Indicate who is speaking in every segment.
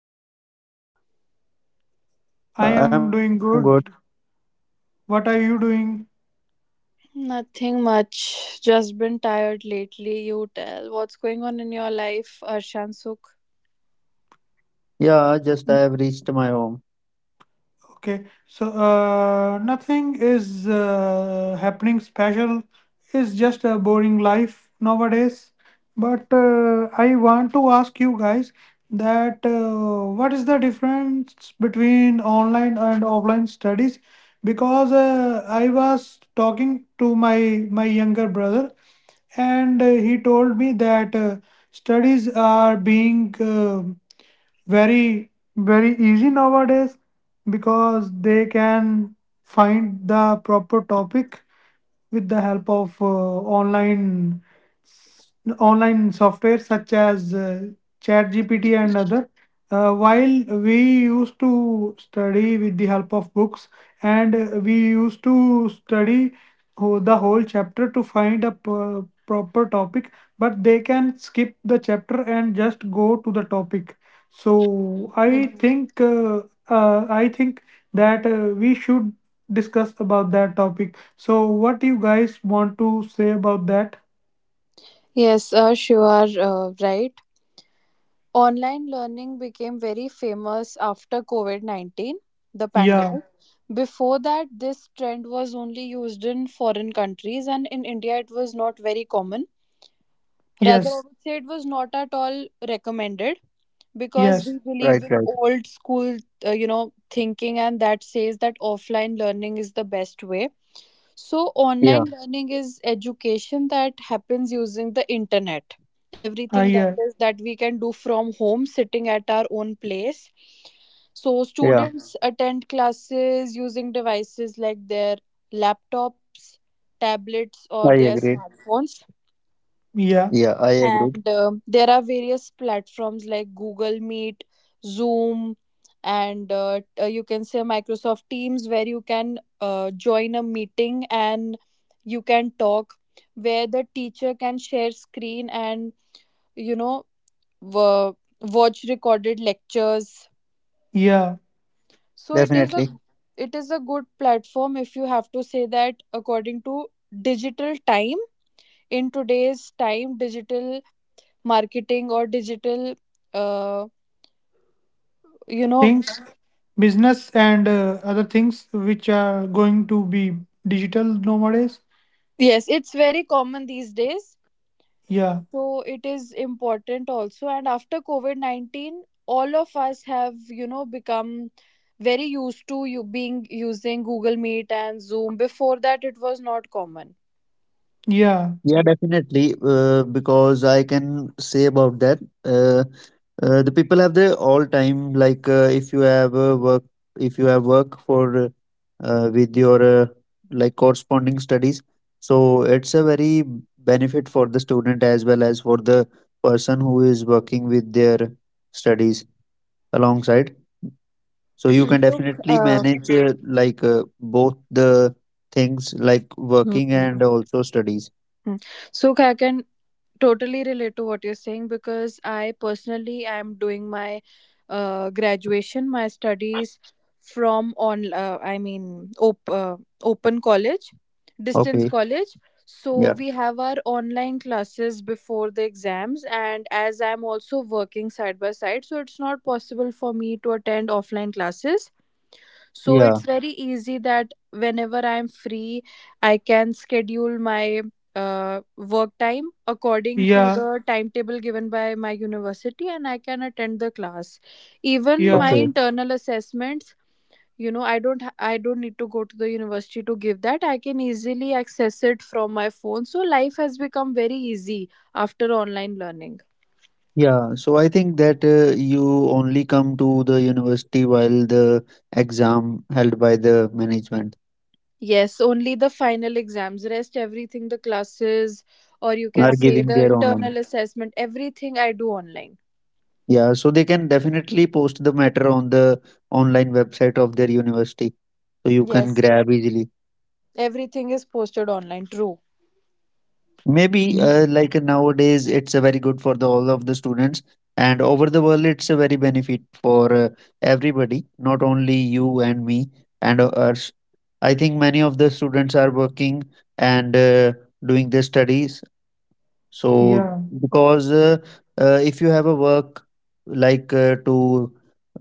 Speaker 1: you both?
Speaker 2: I am doing
Speaker 3: I am good.
Speaker 2: good. What are you doing?
Speaker 1: Nothing much. Just been tired lately. You tell. What's going on in your life, Arshan Sukh?
Speaker 3: Yeah, just I have reached my home.
Speaker 2: Okay, so nothing is happening special. It's just a boring life nowadays. But I want to ask you guys that what is the difference between online and offline studies? Because I was talking to my younger brother, and he told me that studies are being very easy nowadays because they can find the proper topic with the help of online s- online software such as ChatGPT and other. While we used to study with the help of books, and we used to study the whole chapter to find a proper topic, but they can skip the chapter and just go to the topic. So
Speaker 1: Hmm.
Speaker 2: I think that we should discuss about that topic. So what do you guys want to say about that?
Speaker 1: Yes, Arsh, you are right. Online learning became very famous after COVID 19, the
Speaker 2: Yeah.
Speaker 1: pandemic. Before that, this trend was only used in foreign countries, and in India, it was not very common. Rather, I
Speaker 2: Yes.
Speaker 1: would say it was not at all recommended, because we
Speaker 2: Yes.
Speaker 3: Right,
Speaker 1: believe in
Speaker 3: right.
Speaker 1: old school thinking, and that says that offline learning is the best way. So
Speaker 3: Yeah,
Speaker 1: online learning is education that happens using the internet,
Speaker 2: I
Speaker 1: everything
Speaker 2: yeah.
Speaker 1: that we can do from home sitting at our own place. So
Speaker 3: yeah.
Speaker 1: students attend classes using devices like their laptops, tablets, or their
Speaker 3: I agreed.
Speaker 1: smartphones.
Speaker 2: Yeah.
Speaker 3: Yeah, I agreed.
Speaker 1: And there are various platforms like Google Meet, Zoom, and you can say Microsoft Teams, where you can join a meeting and you can talk, where the teacher can share screen and you know w- watch recorded lectures.
Speaker 2: Yeah.
Speaker 1: So it is a
Speaker 3: Definitely.
Speaker 1: good platform, if you have to say that, according to digital time. In today's time, digital marketing or digital uh, you know
Speaker 2: Things, business, and other things which are going to be digital nowadays.
Speaker 1: yes, it's very common these days.
Speaker 2: Yeah.
Speaker 1: So it is important also, and after COVID-19 all of us have become very used to you being using Google Meet and Zoom. Before that it was not common.
Speaker 2: Yeah.
Speaker 3: Yeah, definitely. Because I can say about that. The people have their all time. Like if you have work, if you have work for with your like corresponding studies, so it's a very benefit for the student as well as for the person who is working with their studies alongside. So you can definitely
Speaker 1: uh,
Speaker 3: manage like both the things like working
Speaker 1: hmm.
Speaker 3: and also studies.
Speaker 1: Hmm. So Kakan, totally relate to what you're saying, because I personally am doing my graduation, my studies, from on I mean open college, distance
Speaker 3: Okay.
Speaker 1: college. So
Speaker 3: Yeah.
Speaker 1: we have our online classes before the exams, and as I'm also working side by side, so it's not possible for me to attend offline classes. So
Speaker 3: Yeah.
Speaker 1: it's very easy that whenever I'm free, I can schedule my work time according to
Speaker 2: Yeah.
Speaker 1: the timetable given by my university, and I can attend the class. Even
Speaker 2: Yeah.
Speaker 1: my
Speaker 3: Okay.
Speaker 1: internal assessments, I don't need to go to the university to give that. I can easily access it from my phone, so life has become very easy after online learning.
Speaker 3: Yeah. So I think that you only come to the university while the exam held by the management
Speaker 1: Yes, only the final exams. Rest everything, the classes, or you can
Speaker 3: are
Speaker 1: say
Speaker 3: giving
Speaker 1: the
Speaker 3: their online.
Speaker 1: internal assessment, everything I do online.
Speaker 3: Yeah. So they can definitely post the matter on the online website of their university. So you can
Speaker 1: Yes,
Speaker 3: grab easily.
Speaker 1: everything is posted online. True.
Speaker 3: Maybe
Speaker 2: You-
Speaker 3: like nowadays, it's very good for the all of the students, and over the world, it's a very benefit for everybody, not only you and me and us. I think many of the students are working and doing their studies. So
Speaker 2: Yeah.
Speaker 3: because if you have a work like to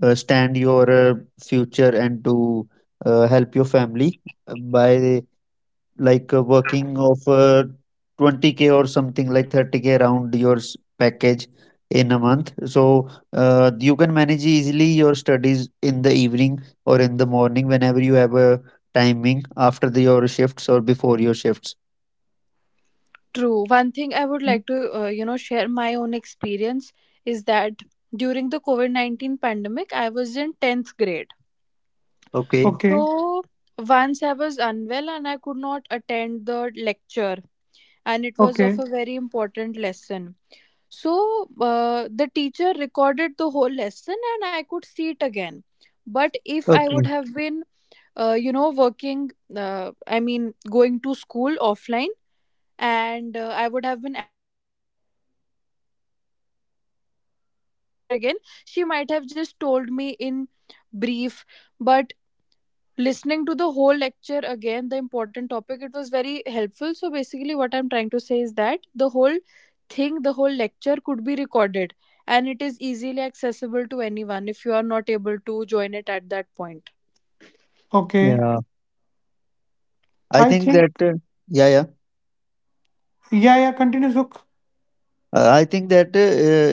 Speaker 3: stand your future and to help your family by like working of 20K or something like 30K around your package in a month. So you can manage easily your studies in the evening or in the morning whenever you have a timing after your shifts or before your shifts.
Speaker 1: True. One thing I would like to, share my own experience, is that during the COVID 19 pandemic, I was in 10th grade.
Speaker 3: Okay.
Speaker 2: Okay.
Speaker 1: So once I was unwell and I could not attend the lecture, and it was of
Speaker 2: Okay.
Speaker 1: a very important lesson. So the teacher recorded the whole lesson and I could see it again. But if I would
Speaker 3: Okay.
Speaker 1: have been, working, I mean, going to school offline, and I would have been absent, the teacher would not have repeated the whole thing, the whole lecture again. She might have just told me in brief. But listening to the whole lecture again, the important topic, it was very helpful. So basically, what I'm trying to say is that the whole thing, the whole lecture could be recorded, and it is easily accessible to anyone if you are not able to join it at that point.
Speaker 2: Okay.
Speaker 3: Yeah. I
Speaker 2: I
Speaker 3: think
Speaker 2: think.
Speaker 3: that yeah, yeah.
Speaker 2: Yeah. Yeah. Continue, Sukh.
Speaker 3: I think that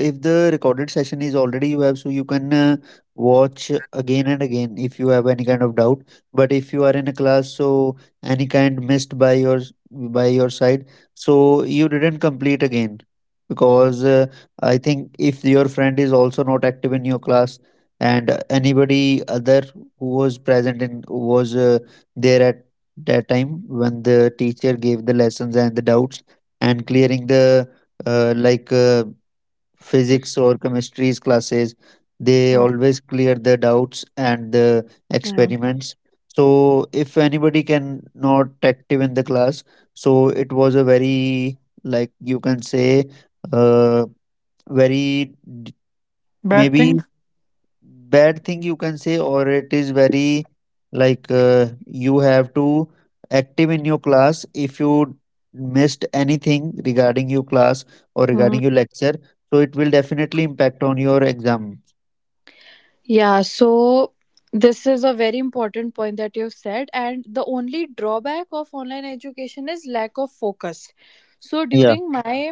Speaker 3: if the recorded session is already you have, so you can watch again and again if you have any kind of doubt. But if you are in a class, so any kind missed by your side, so you didn't complete again because I think if your friend is also not active in your class and anybody other who was present in was there at that time when the teacher gave the lessons and the doubts and clearing the like physics or chemistry's classes, they
Speaker 1: Hmm,
Speaker 3: always clear the doubts and the
Speaker 1: hmm,
Speaker 3: experiments. So if anybody can not active in the class, so it was a very like you can say uh, very d-
Speaker 2: Bad
Speaker 3: maybe
Speaker 2: things.
Speaker 3: bad thing you can say, or it is very like you have to active in your class if you missed anything regarding your class or
Speaker 1: hmm.
Speaker 3: regarding your lecture, so it will definitely impact on your exam.
Speaker 1: Yeah, so this is a very important point that you've said, and the only drawback of online education is lack of focus. So
Speaker 3: Yeah
Speaker 1: during my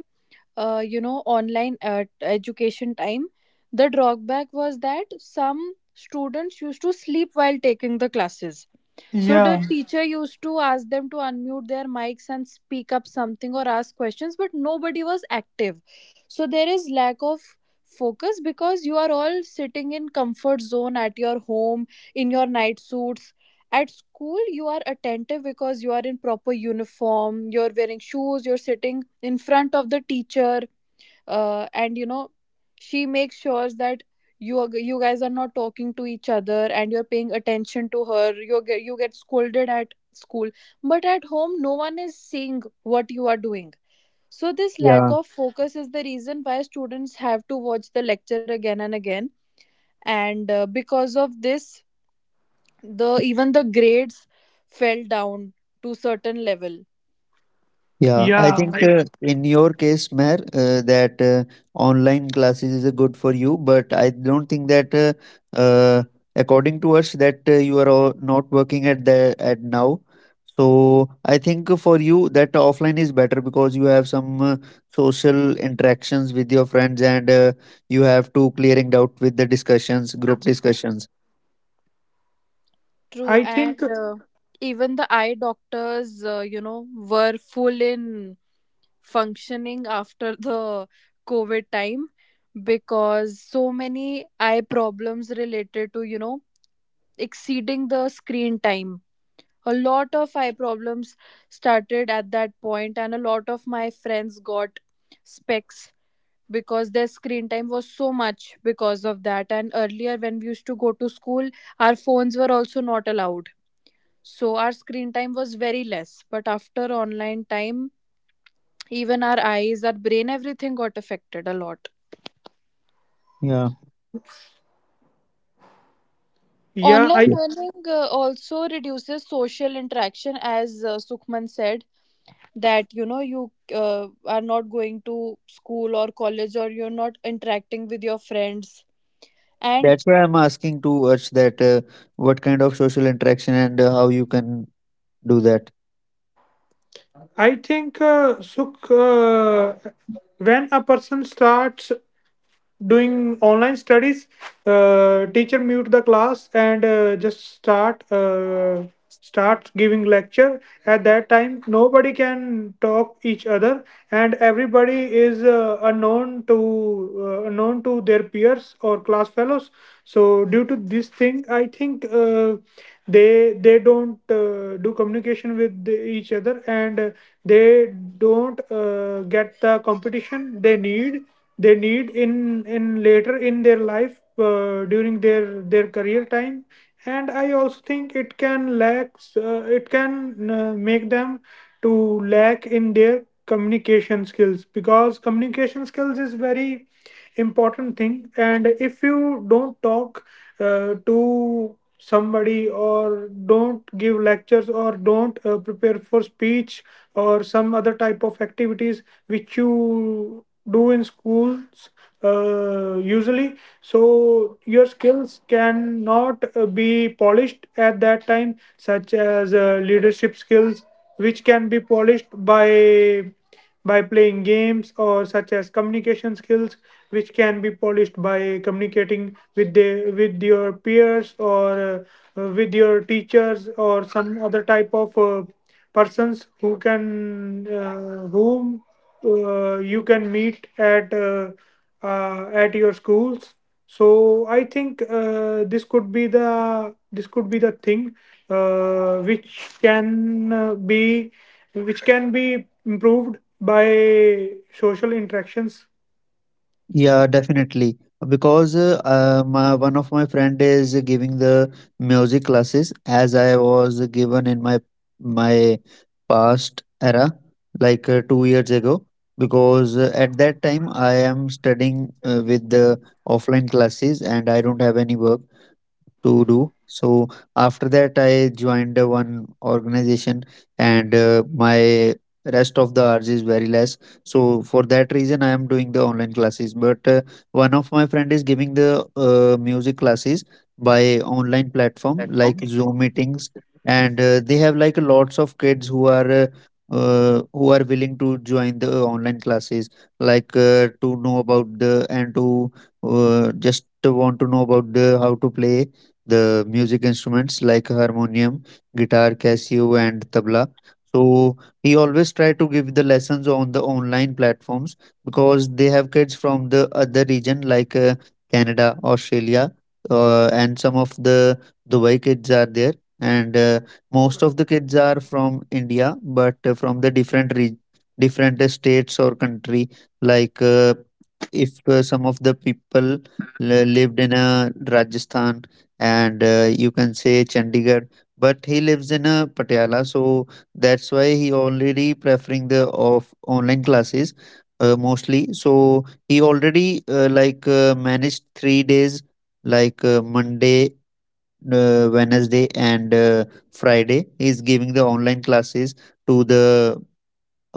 Speaker 1: online education time, the drawback was that some students used to sleep while taking the classes. So the
Speaker 2: Yeah,
Speaker 1: teacher used to ask them to unmute their mics and speak up something or ask questions, but nobody was active. So there is lack of focus, because you are all sitting in comfort zone at your home, in your night suits. At school you are attentive because you are in proper uniform, you're wearing shoes, you're sitting in front of the teacher, and she makes sure that you guys are not talking to each other and you're paying attention to her. You get scolded at school, but at home no one is seeing what you are doing. So this lack
Speaker 3: yeah.
Speaker 1: of focus is the reason why students have to watch the lecture again and again. And because of this, the even the grades fell down to certain level.
Speaker 3: Yeah, I
Speaker 2: yeah.
Speaker 3: think in your case, Meher, that online classes is good for you, but I don't think that according to us that you are all not working at now. So I think for you that offline is better because you have some social interactions with your friends and you have to clearing doubt with the discussions, group discussions.
Speaker 1: True.
Speaker 2: I think,
Speaker 1: And even the eye doctors were full in functioning after the COVID time, because so many eye problems related to exceeding the screen time, a lot of eye problems started at that point. And a lot of my friends got specs because their screen time was so much because of that. And earlier when we used to go to school, our phones were also not allowed, so our screen time was very less. But after online time, even our eyes, our brain, everything got affected a lot.
Speaker 3: Yeah.
Speaker 2: yeah,
Speaker 1: Online
Speaker 3: Yeah.
Speaker 1: learning also reduces social interaction, as Sukhman said, that you are not going to school or college, or you're not interacting with your friends.
Speaker 3: That's
Speaker 1: And
Speaker 3: why I'm asking to us that what kind of social interaction and how you can do that.
Speaker 2: I think Suk. When a person starts doing online studies, teacher mute the class and just start start giving lecture. At that time nobody can talk each other and everybody is unknown to unknown to their peers or class fellows, so due to this thing I think they don't do communication with the- each other, and they don't get the competition they need in later in their life, during their career time. And I also think it can lacks, it can make them to lack in their communication skills, because communication skills is very important thing. And if you don't talk to somebody or don't give lectures or don't prepare for speech or some other type of activities which you do in schools, usually, so your skills cannot be polished at that time, such as leadership skills which can be polished by playing games, or such as communication skills which can be polished by communicating with the with your peers or with your teachers or some other type of persons who can whom you can meet at your schools. So I think this could be the thing which can be which can be improved by social interactions.
Speaker 3: Yeah, definitely. Because my one of my friend is giving the music classes as I was given in my past era, like 2 years ago. Because at that time I am studying with the offline classes and I don't have any work to do. So after that, I joined one organization, and my rest of the hours is very less. So for that reason, I am doing the online classes. But one of my friend is giving the music classes by online platform like Zoom meetings, and they have like lots of kids who are. Who are willing to join the online classes like to know about the and to just want to know about the how to play the music instruments like harmonium, guitar, Casio, and tabla. So he always try to give the lessons on the online platforms because they have kids from the other region like Canada, Australia, and some of the Dubai kids are there, and most of the kids are from India, but from the different states or country like. If some of the people lived in Rajasthan and you can say Chandigarh. But he lives in Patiala, so that's why he already preferring the of online classes mostly. So he already like managed 3 days, like Monday, Wednesday, and Friday. He is giving the online classes to the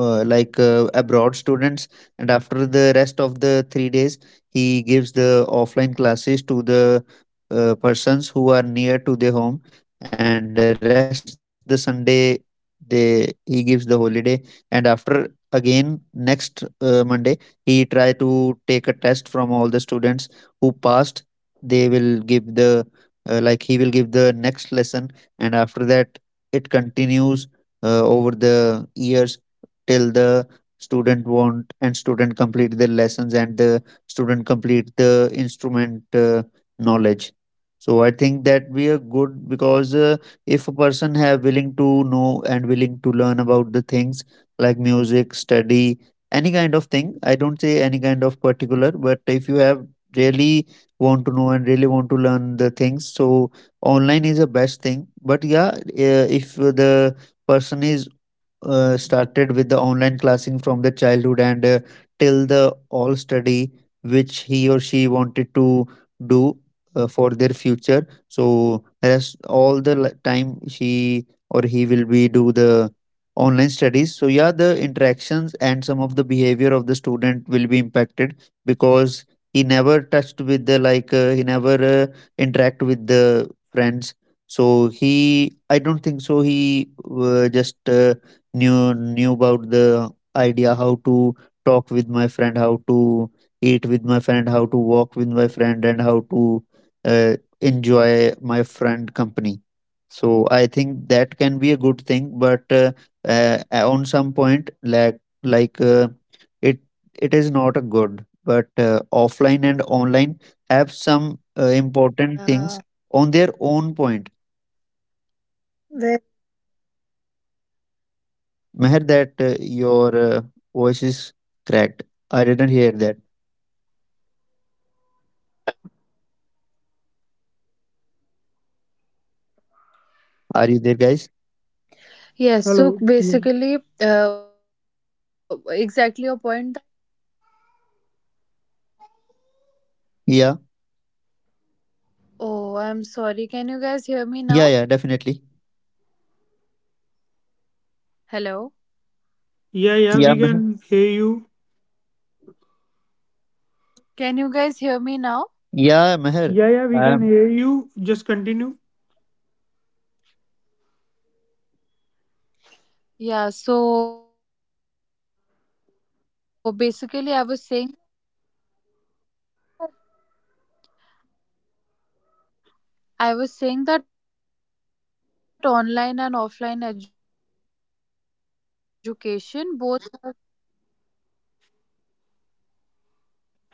Speaker 3: like abroad students, and after the rest of the 3 days he gives the offline classes to the persons who are near to their home, and the rest the Sunday they he gives the holiday, and after again next Monday he try to take a test from all the students who passed, they will give the like he will give the next lesson, and after that it continues over the years till the student want and student complete their lessons and the student complete the instrument knowledge. So I think that we are good because if a person have willing to know and willing to learn about the things like music study, any kind of thing, I don't say any kind of particular, but if you have really want to know and really want to learn the things, so online is the best thing. But yeah, if the person is started with the online classing from the childhood and till the all study which he or she wanted to do for their future, so rest all the time she or he will be do the online studies. So yeah, the interactions and some of the behavior of the student will be impacted because he never touched with the like he never interact with the friends. So he I don't think so he just knew about the idea how to talk with my friend, how to eat with my friend, how to walk with my friend, and how to uh, enjoy my friend company. So I think that can be a good thing, but uh, on some point, like it it is not a good. But offline and online have some important things on their own point. Meher, that
Speaker 1: yeah.
Speaker 3: your voice is cracked. I didn't hear that.
Speaker 1: Well,
Speaker 3: Are you there, guys?
Speaker 2: Hello. Yes.
Speaker 1: yes,
Speaker 3: Yeah,
Speaker 1: so basically uh, exactly your point.
Speaker 3: yeah, yeah, definitely.
Speaker 1: Oh, I'm sorry, can you
Speaker 2: Yeah, yeah,
Speaker 1: guys
Speaker 3: Yeah,
Speaker 2: we
Speaker 1: hear me
Speaker 3: Meher.
Speaker 2: can
Speaker 1: now?
Speaker 2: hear you.
Speaker 1: Hello,
Speaker 3: Yeah, Meher.
Speaker 2: Yeah, yeah, we can
Speaker 3: Um,
Speaker 2: hear you, just continue.
Speaker 1: can you guys hear me now? Yeah, so basically I was saying that online and offline education both have— can you hear me now?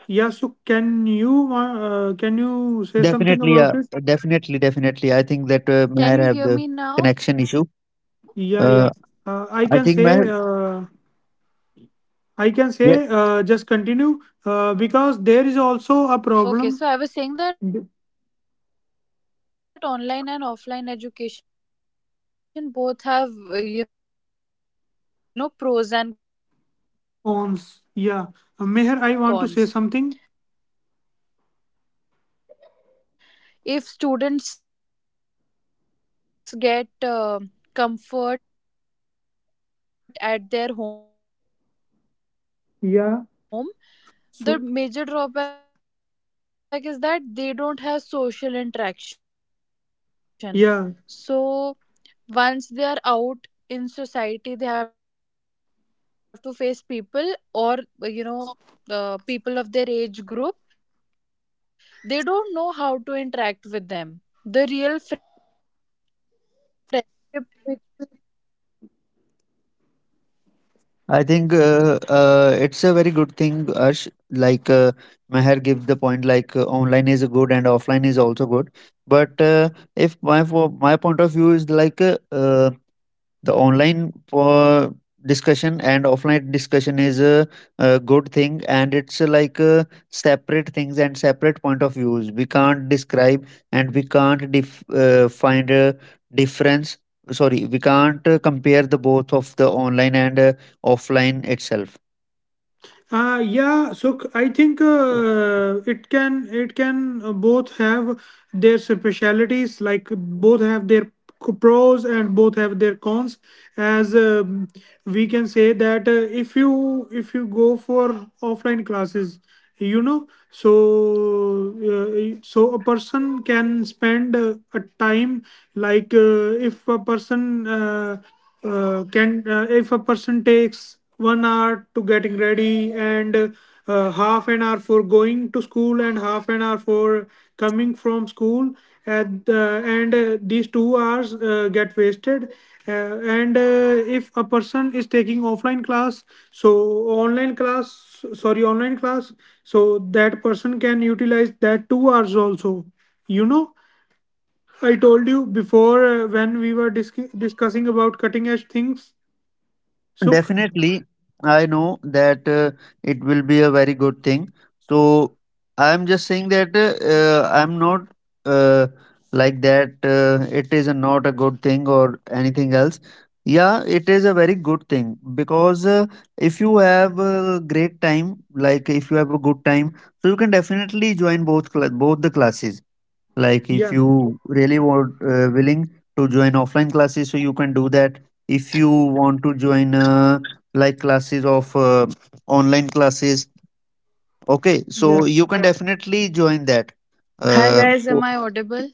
Speaker 2: Yeah, so
Speaker 1: Okay, so I
Speaker 2: can
Speaker 1: was saying that
Speaker 2: you say
Speaker 1: online
Speaker 2: something
Speaker 1: and
Speaker 3: Definitely, yeah,
Speaker 2: about it?
Speaker 1: offline education
Speaker 3: definitely,
Speaker 1: both have,
Speaker 3: definitely. I think that
Speaker 1: pros
Speaker 3: Meher
Speaker 1: and
Speaker 3: have the
Speaker 1: cons.
Speaker 3: connection issue.
Speaker 1: If
Speaker 2: Yeah,
Speaker 1: students
Speaker 3: Uh,
Speaker 2: yeah.
Speaker 1: get
Speaker 2: Uh, I
Speaker 3: I
Speaker 2: can
Speaker 3: think
Speaker 2: say,
Speaker 3: Meher.
Speaker 1: comfort
Speaker 2: uh,
Speaker 1: at their home, the
Speaker 2: I can
Speaker 1: major
Speaker 3: Yeah,
Speaker 2: say,
Speaker 1: drawback is
Speaker 2: just
Speaker 1: that they
Speaker 2: continue,
Speaker 1: don't have social
Speaker 2: because there is
Speaker 1: interaction.
Speaker 2: also a
Speaker 1: So
Speaker 2: problem
Speaker 1: once they are
Speaker 2: with
Speaker 1: out in society, they have to face people or, you know, people of their age group. They don't know how to interact with them. The real friendship.
Speaker 2: pawns. Yeah. Meher, I want to say something. Yeah. So yeah.
Speaker 1: Can you? Am I audible now? Hello, am I audible now?
Speaker 3: I think it's a very good thing, Arsh. Like Meher give the point,
Speaker 1: Hi,
Speaker 3: like
Speaker 1: am I
Speaker 3: online
Speaker 1: audible
Speaker 3: is good and
Speaker 1: now?
Speaker 3: offline is also good. But if my for my point of view is like the online discussion and offline discussion is
Speaker 1: Hello,
Speaker 3: a good thing, and it's like separate things and separate point of views, we can't describe and
Speaker 1: guys,
Speaker 3: we
Speaker 1: am I
Speaker 3: can't
Speaker 1: audible now?
Speaker 3: find a difference. Sorry, we can't compare the both of the online and offline itself.
Speaker 2: Yeah, so I think it can both have their specialities, like both have their pros and both have their cons. As We can say that if you go for offline classes, you know, so so a person can spend a time, like if a person can if a person takes 1 hour to getting ready and half an hour for going to school and half an hour for coming from school at the, and these 2 hours get wasted, uh, and if a person is taking offline class, so online class, sorry online class, so that person can utilize that 2 hours also, you know. I told you before, when we were discussing about cutting edge things, Suk.
Speaker 3: Definitely, I know that it will be a very good thing. So I am just saying that I'm not uh, like that. It is not a good thing or anything else. Yeah, it is a very good thing because if you have a great time, like if you have a good time, so you can definitely join both the classes, like if
Speaker 2: Yeah,
Speaker 3: you really want willing to join offline classes, so you can do that. If you want to join like classes of online classes, okay, so
Speaker 2: yeah.
Speaker 3: you can definitely join that.
Speaker 4: Hi
Speaker 3: uh,
Speaker 4: guys, am
Speaker 3: so-
Speaker 4: I audible?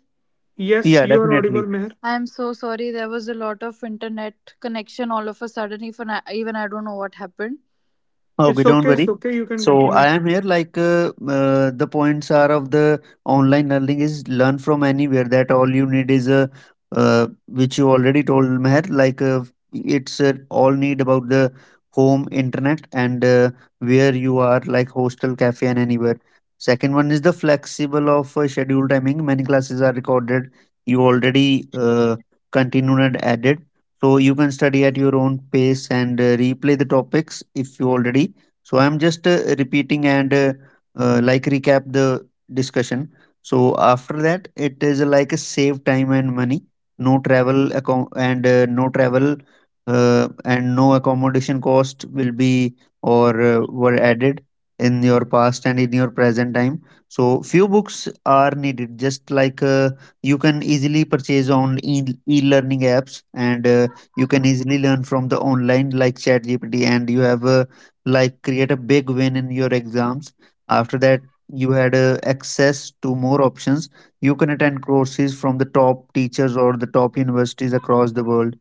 Speaker 2: Yes,
Speaker 3: yeah,
Speaker 2: you are audible,
Speaker 3: definitely.
Speaker 2: Meher.
Speaker 4: I am so sorry. There was a lot of internet connection all of a sudden. Even I don't know what happened.
Speaker 3: Okay,
Speaker 2: It's
Speaker 3: don't
Speaker 2: okay, it's
Speaker 3: worry.
Speaker 2: okay. You can
Speaker 3: So I
Speaker 2: continue.
Speaker 3: am here like the points are of the online learning is learn from anywhere, that all you need is a which you already told Meher, like it's all need about the home internet and where you are, like hostel, cafe, and anywhere. Second one is the flexible of schedule timing. Many classes are recorded. You already continued and added. So you can study at your own pace and replay the topics if you already, so I'm just repeating and like recap the discussion. So after that, it is like a save time and money, no travel account and no travel and no accommodation cost will be or were added in your past and in your present time. So few books are needed, just like you can easily purchase on e-learning apps, and you can easily learn from the online like ChatGPT and you have. Like create a big win in your exams. After that you had access to more options. You can attend courses from the top teachers or the top universities across the world,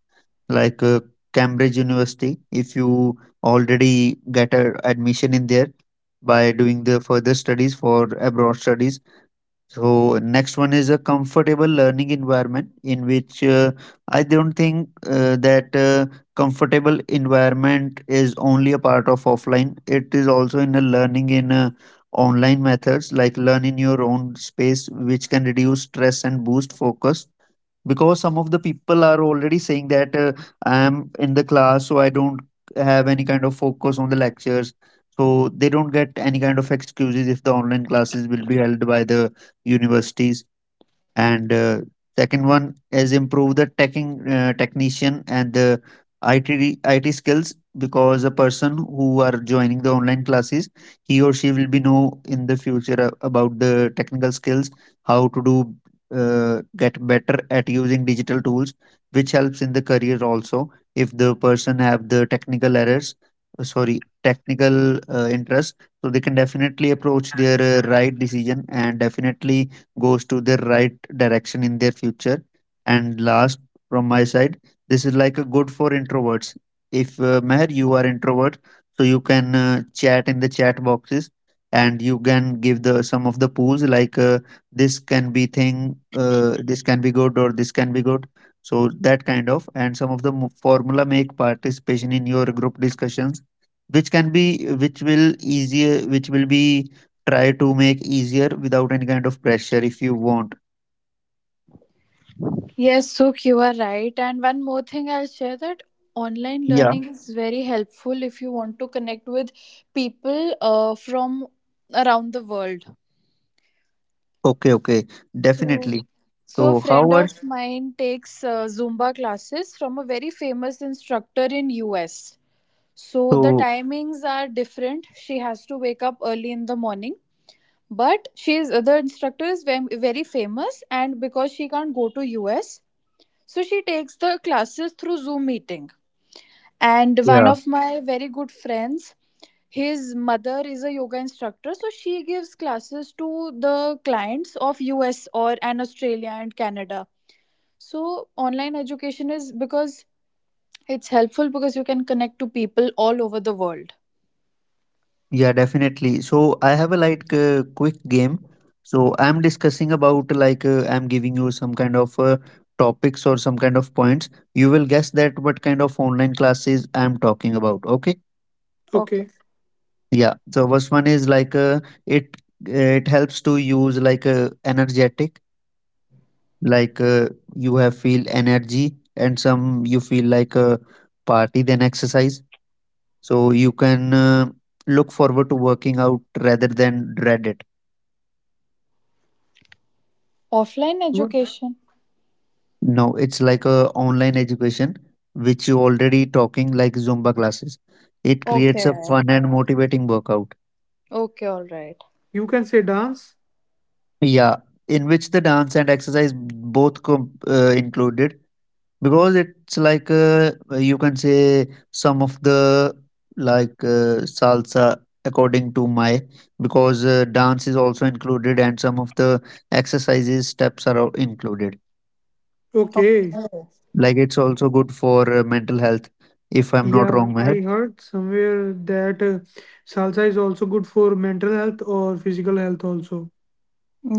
Speaker 3: like Cambridge University, if you already get a admission in there by doing the further studies for abroad studies. So next one is a comfortable learning environment, in which I don't think that comfortable environment is only a part of offline. It is also in a learning in online methods, like learn in your own space, which can reduce stress and boost focus, because some of the people are already saying that, I am in the class so I don't have any kind of focus on the lectures. So they don't get any kind of excuses if the online classes will be held by the universities. And second one is improve the teching technician and the IT IT skills, because a person who are joining the online classes, he or she will be know in the future about the technical skills, how to do, get better at using digital tools, which helps in the career also. If the person have the technical errors, sorry, technical interest, so they can definitely approach their right decision and definitely goes to their right direction in their future. And last, from my side, this is like a good for introverts. If Meher, you are introvert, so you can chat in the chat boxes, and you can give the some of the pools like this can be thing, this can be good, or this can be good. So that kind of, and some of the formula make participation in your group discussions, which can be, which will easier, which will be try to make easier without any kind of pressure if you want.
Speaker 4: Yes, Sukh, you are right. And one more thing I'll share, that online
Speaker 3: Yeah.
Speaker 4: learning is very helpful if you want to connect with people from around the world.
Speaker 3: Okay, okay,
Speaker 4: So,
Speaker 3: definitely.
Speaker 4: so, a
Speaker 3: So how
Speaker 4: friend
Speaker 3: are,
Speaker 4: of mine takes Zumba classes from a very famous instructor in US. So the
Speaker 3: so
Speaker 4: timings are different. She has to wake up early in the morning, but she's the instructor is very, very famous, and because she can't go to us, so she takes the classes through Zoom meeting. And one
Speaker 3: yeah,
Speaker 4: of my very good friends, his mother is a yoga instructor, so she gives classes to the clients of us or and Australia and Canada. So online education is, because it's helpful, because you can connect to people all over the world.
Speaker 3: yeah, definitely. So I have a like quick game. So I'm discussing about like I'm giving you some kind of topics or some kind of points, you will guess that what kind of online classes I'm talking about. Okay,
Speaker 4: Okay.
Speaker 2: Okay.
Speaker 3: yeah. So first one is like it, it helps to use like energetic, like you have feel energy and some you feel like a party than exercise. So you can look forward to working out rather than dread it.
Speaker 4: Offline
Speaker 2: What?
Speaker 4: education.
Speaker 3: No, it's like a online education, which you already talking like Zumba classes. It creates a
Speaker 4: Okay,
Speaker 3: fun and motivating workout.
Speaker 4: okay, all right.
Speaker 2: You can say dance?
Speaker 3: Yeah, in which the dance and exercise both included, because it's like you can say some of the like salsa, according to my, because dance is also included and some of the exercises steps are included.
Speaker 2: Okay.
Speaker 4: Okay.
Speaker 3: Like it's also good for mental health, if I'm not
Speaker 2: Yeah,
Speaker 3: wrong, Meher.
Speaker 2: I heard somewhere that salsa is also good for mental health or physical health also.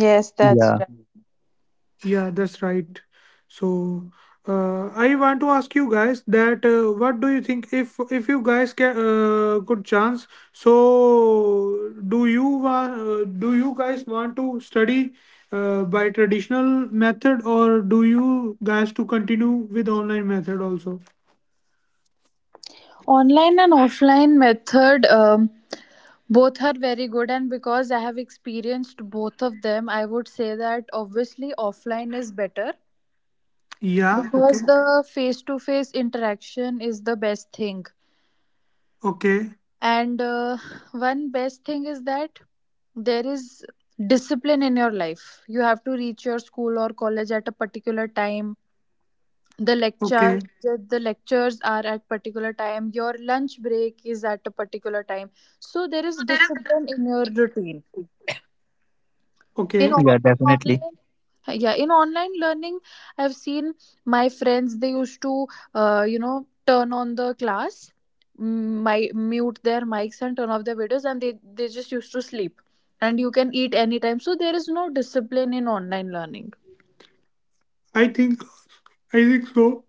Speaker 4: Yes, that's.
Speaker 3: Yeah,
Speaker 2: Yeah, that's right. So, I want to ask you guys that what do you think if you guys get good chance? So, do you want do you guys want to study by traditional method, or do you guys to continue with online method also?
Speaker 4: Online and offline method, both are very good, and because I have experienced both of them, I would say that obviously offline is better
Speaker 2: Yeah. Okay.
Speaker 4: because the face to face interaction is the best thing.
Speaker 2: Okay.
Speaker 4: And one best thing is that there is discipline in your life. You have to reach your school or college at a particular time. the
Speaker 2: Okay.
Speaker 4: lecture the, the lectures are at particular time, your lunch break is at a particular time, so there is discipline in your routine. in,
Speaker 2: Okay.
Speaker 3: yeah,
Speaker 4: o- in
Speaker 3: definitely.
Speaker 4: online. Yeah, in online learning, I've seen my friends, they used to turn on the class, mm, my mute their mics and turn off the videos, and they just used to sleep. And you can eat anytime, so there is no discipline in online learning.
Speaker 2: I think I think so.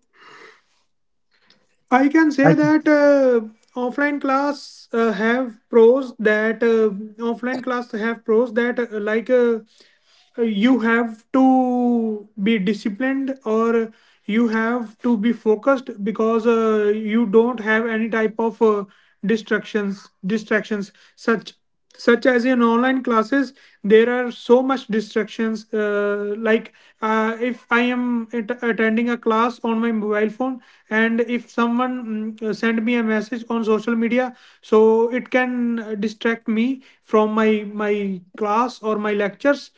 Speaker 2: I can
Speaker 3: i
Speaker 2: say that offline class uh, have pros that uh, offline class have pros that like you have to be disciplined or you have to be focused because you don't have any type of distractions such such as in online classes. There are so much distractions like if I am attending a class on my mobile phone, and if someone send me a message on social media, so it can distract me from my class or my lectures,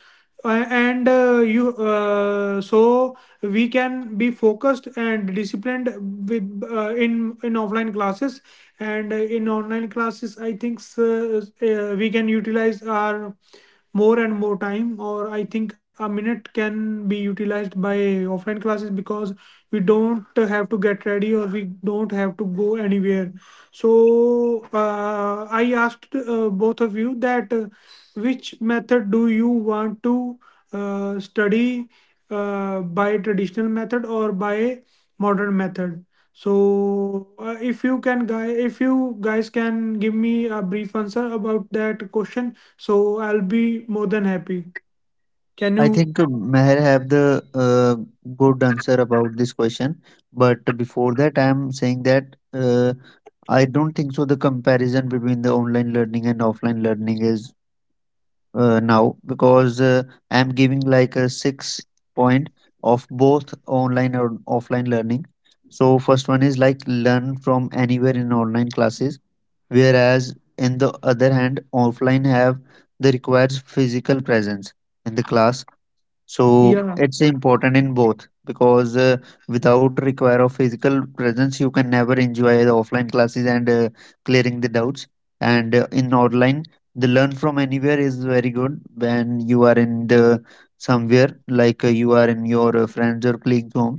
Speaker 2: and you so we can be focused and disciplined in offline classes. And in online classes I think we can utilize our more and more time, or I think a minute can be utilized by offline classes because we don't have to get ready or we don't have to go anywhere. So I asked both of you that which method do you want to study, by traditional method or by modern method? So, if you can, guy, if you guys can give me a brief answer about that question, so I'll be more than happy. Can
Speaker 3: I
Speaker 2: you,
Speaker 3: think Meher have the uh, good answer about this question, but before that, I'm saying that I don't think so. The comparison between the online learning and offline learning is now, because I'm giving like a 6 point of both online and offline learning. So first one is like learn from anywhere in online classes, whereas in the other hand, offline have the requires physical presence in the class. So
Speaker 2: yeah,
Speaker 3: it's important in both, because without require of physical presence, you can never enjoy the offline classes and clearing the doubts. And in online, the learn from anywhere is very good when you are in the somewhere, like you are in your friends or colleagues home.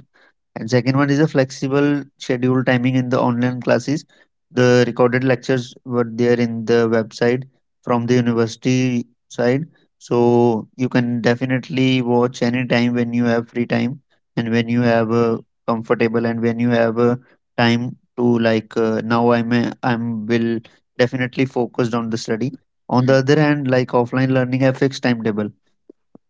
Speaker 3: And second one is a flexible schedule timing in the online classes. The recorded lectures were there in the website from the university side. So you can definitely watch anytime when you have free time and when you have comfortable and when you have time to like now I'm will definitely focused on the study. On the other hand, like offline learning a fixed timetable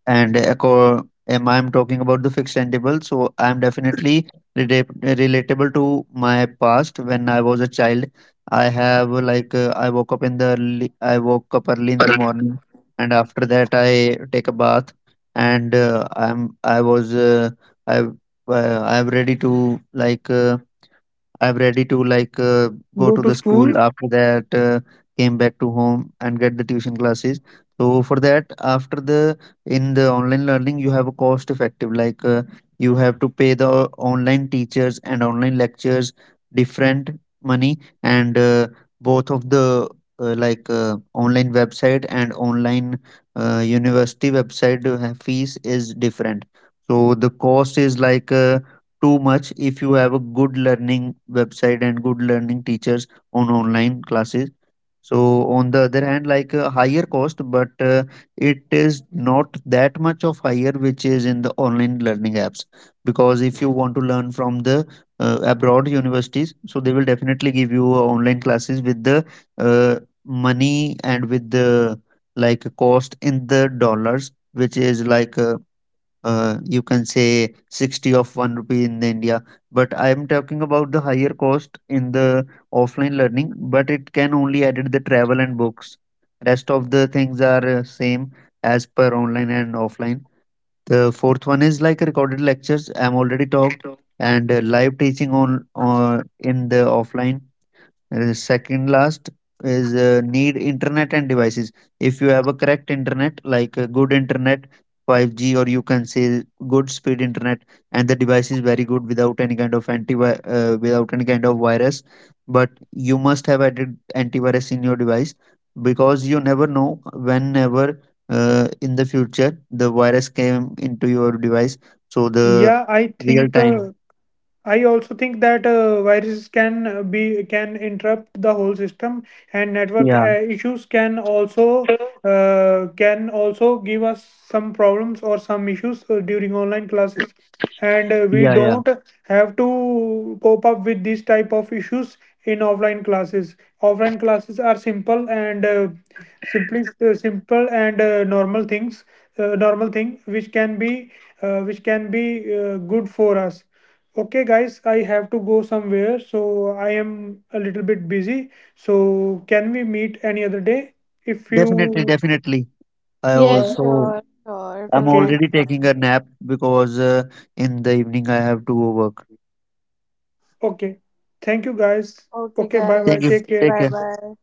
Speaker 3: and acco- am I'm talking about the fixed timetable. So I'm definitely relatable to my past when I was a child. I have like I woke up early in the morning, and after that I take a bath, and I I'm ready to like. I'm ready to like go
Speaker 2: go
Speaker 3: to
Speaker 2: to
Speaker 3: the
Speaker 2: school?
Speaker 3: school. After that came back to home and get the tuition classes. So for that, after the, in the online learning you have a cost effective, like you have to pay the online teachers and online lectures different money. And both of the like online website and online university website fees is different. So the cost is like too much if you have a good learning website and good learning teachers on online classes. So on the other hand, like a higher cost, but it is not that much of higher which is in the online learning apps, because if you want to learn from the abroad universities, so they will definitely give you online classes with the uh, money and with the like cost in the dollars, which is like you can say 60 of 1 rupee in the India. But I am talking about the higher cost in the offline learning, but it can only edit the travel and books. Rest of the things are same as per online and offline. The fourth one is like recorded lectures, I'm already talked, and live teaching on in the offline. Second last is need internet and devices. If you have a correct internet, like a good internet, 5G, or you can say good speed internet, and the device is very good without any kind of anti without any kind of virus. But you must have added antivirus in your device, because you never know whenever in the future the virus came into your device. So the
Speaker 2: Yeah, I
Speaker 3: real
Speaker 2: think
Speaker 3: time,
Speaker 2: I also think that viruses can be can interrupt the whole system, and network
Speaker 3: yeah,
Speaker 2: issues can also give us some problems or some issues during online classes, and we
Speaker 3: yeah, yeah,
Speaker 2: don't have to cope up with these type of issues in offline classes. Offline classes are simple and simply simple and normal things, normal thing which can be good for us. Okay, guys, I have to go somewhere, so I am a little bit busy. So, can we meet any other day? If
Speaker 3: definitely,
Speaker 2: you,
Speaker 3: definitely. I
Speaker 4: Yes,
Speaker 2: well,
Speaker 3: also
Speaker 4: sure, sure. It
Speaker 3: I'm
Speaker 4: was
Speaker 2: okay,
Speaker 4: nice
Speaker 3: already taking
Speaker 4: talking
Speaker 3: a
Speaker 4: to you.
Speaker 3: nap, because in the evening I have to go work.
Speaker 2: okay. Thank you, guys.
Speaker 4: Okay,
Speaker 2: Okay, bye
Speaker 3: Thank
Speaker 2: bye.
Speaker 3: you.
Speaker 4: guys.
Speaker 2: Take
Speaker 3: Take
Speaker 2: care.
Speaker 4: Bye
Speaker 3: care.
Speaker 4: bye.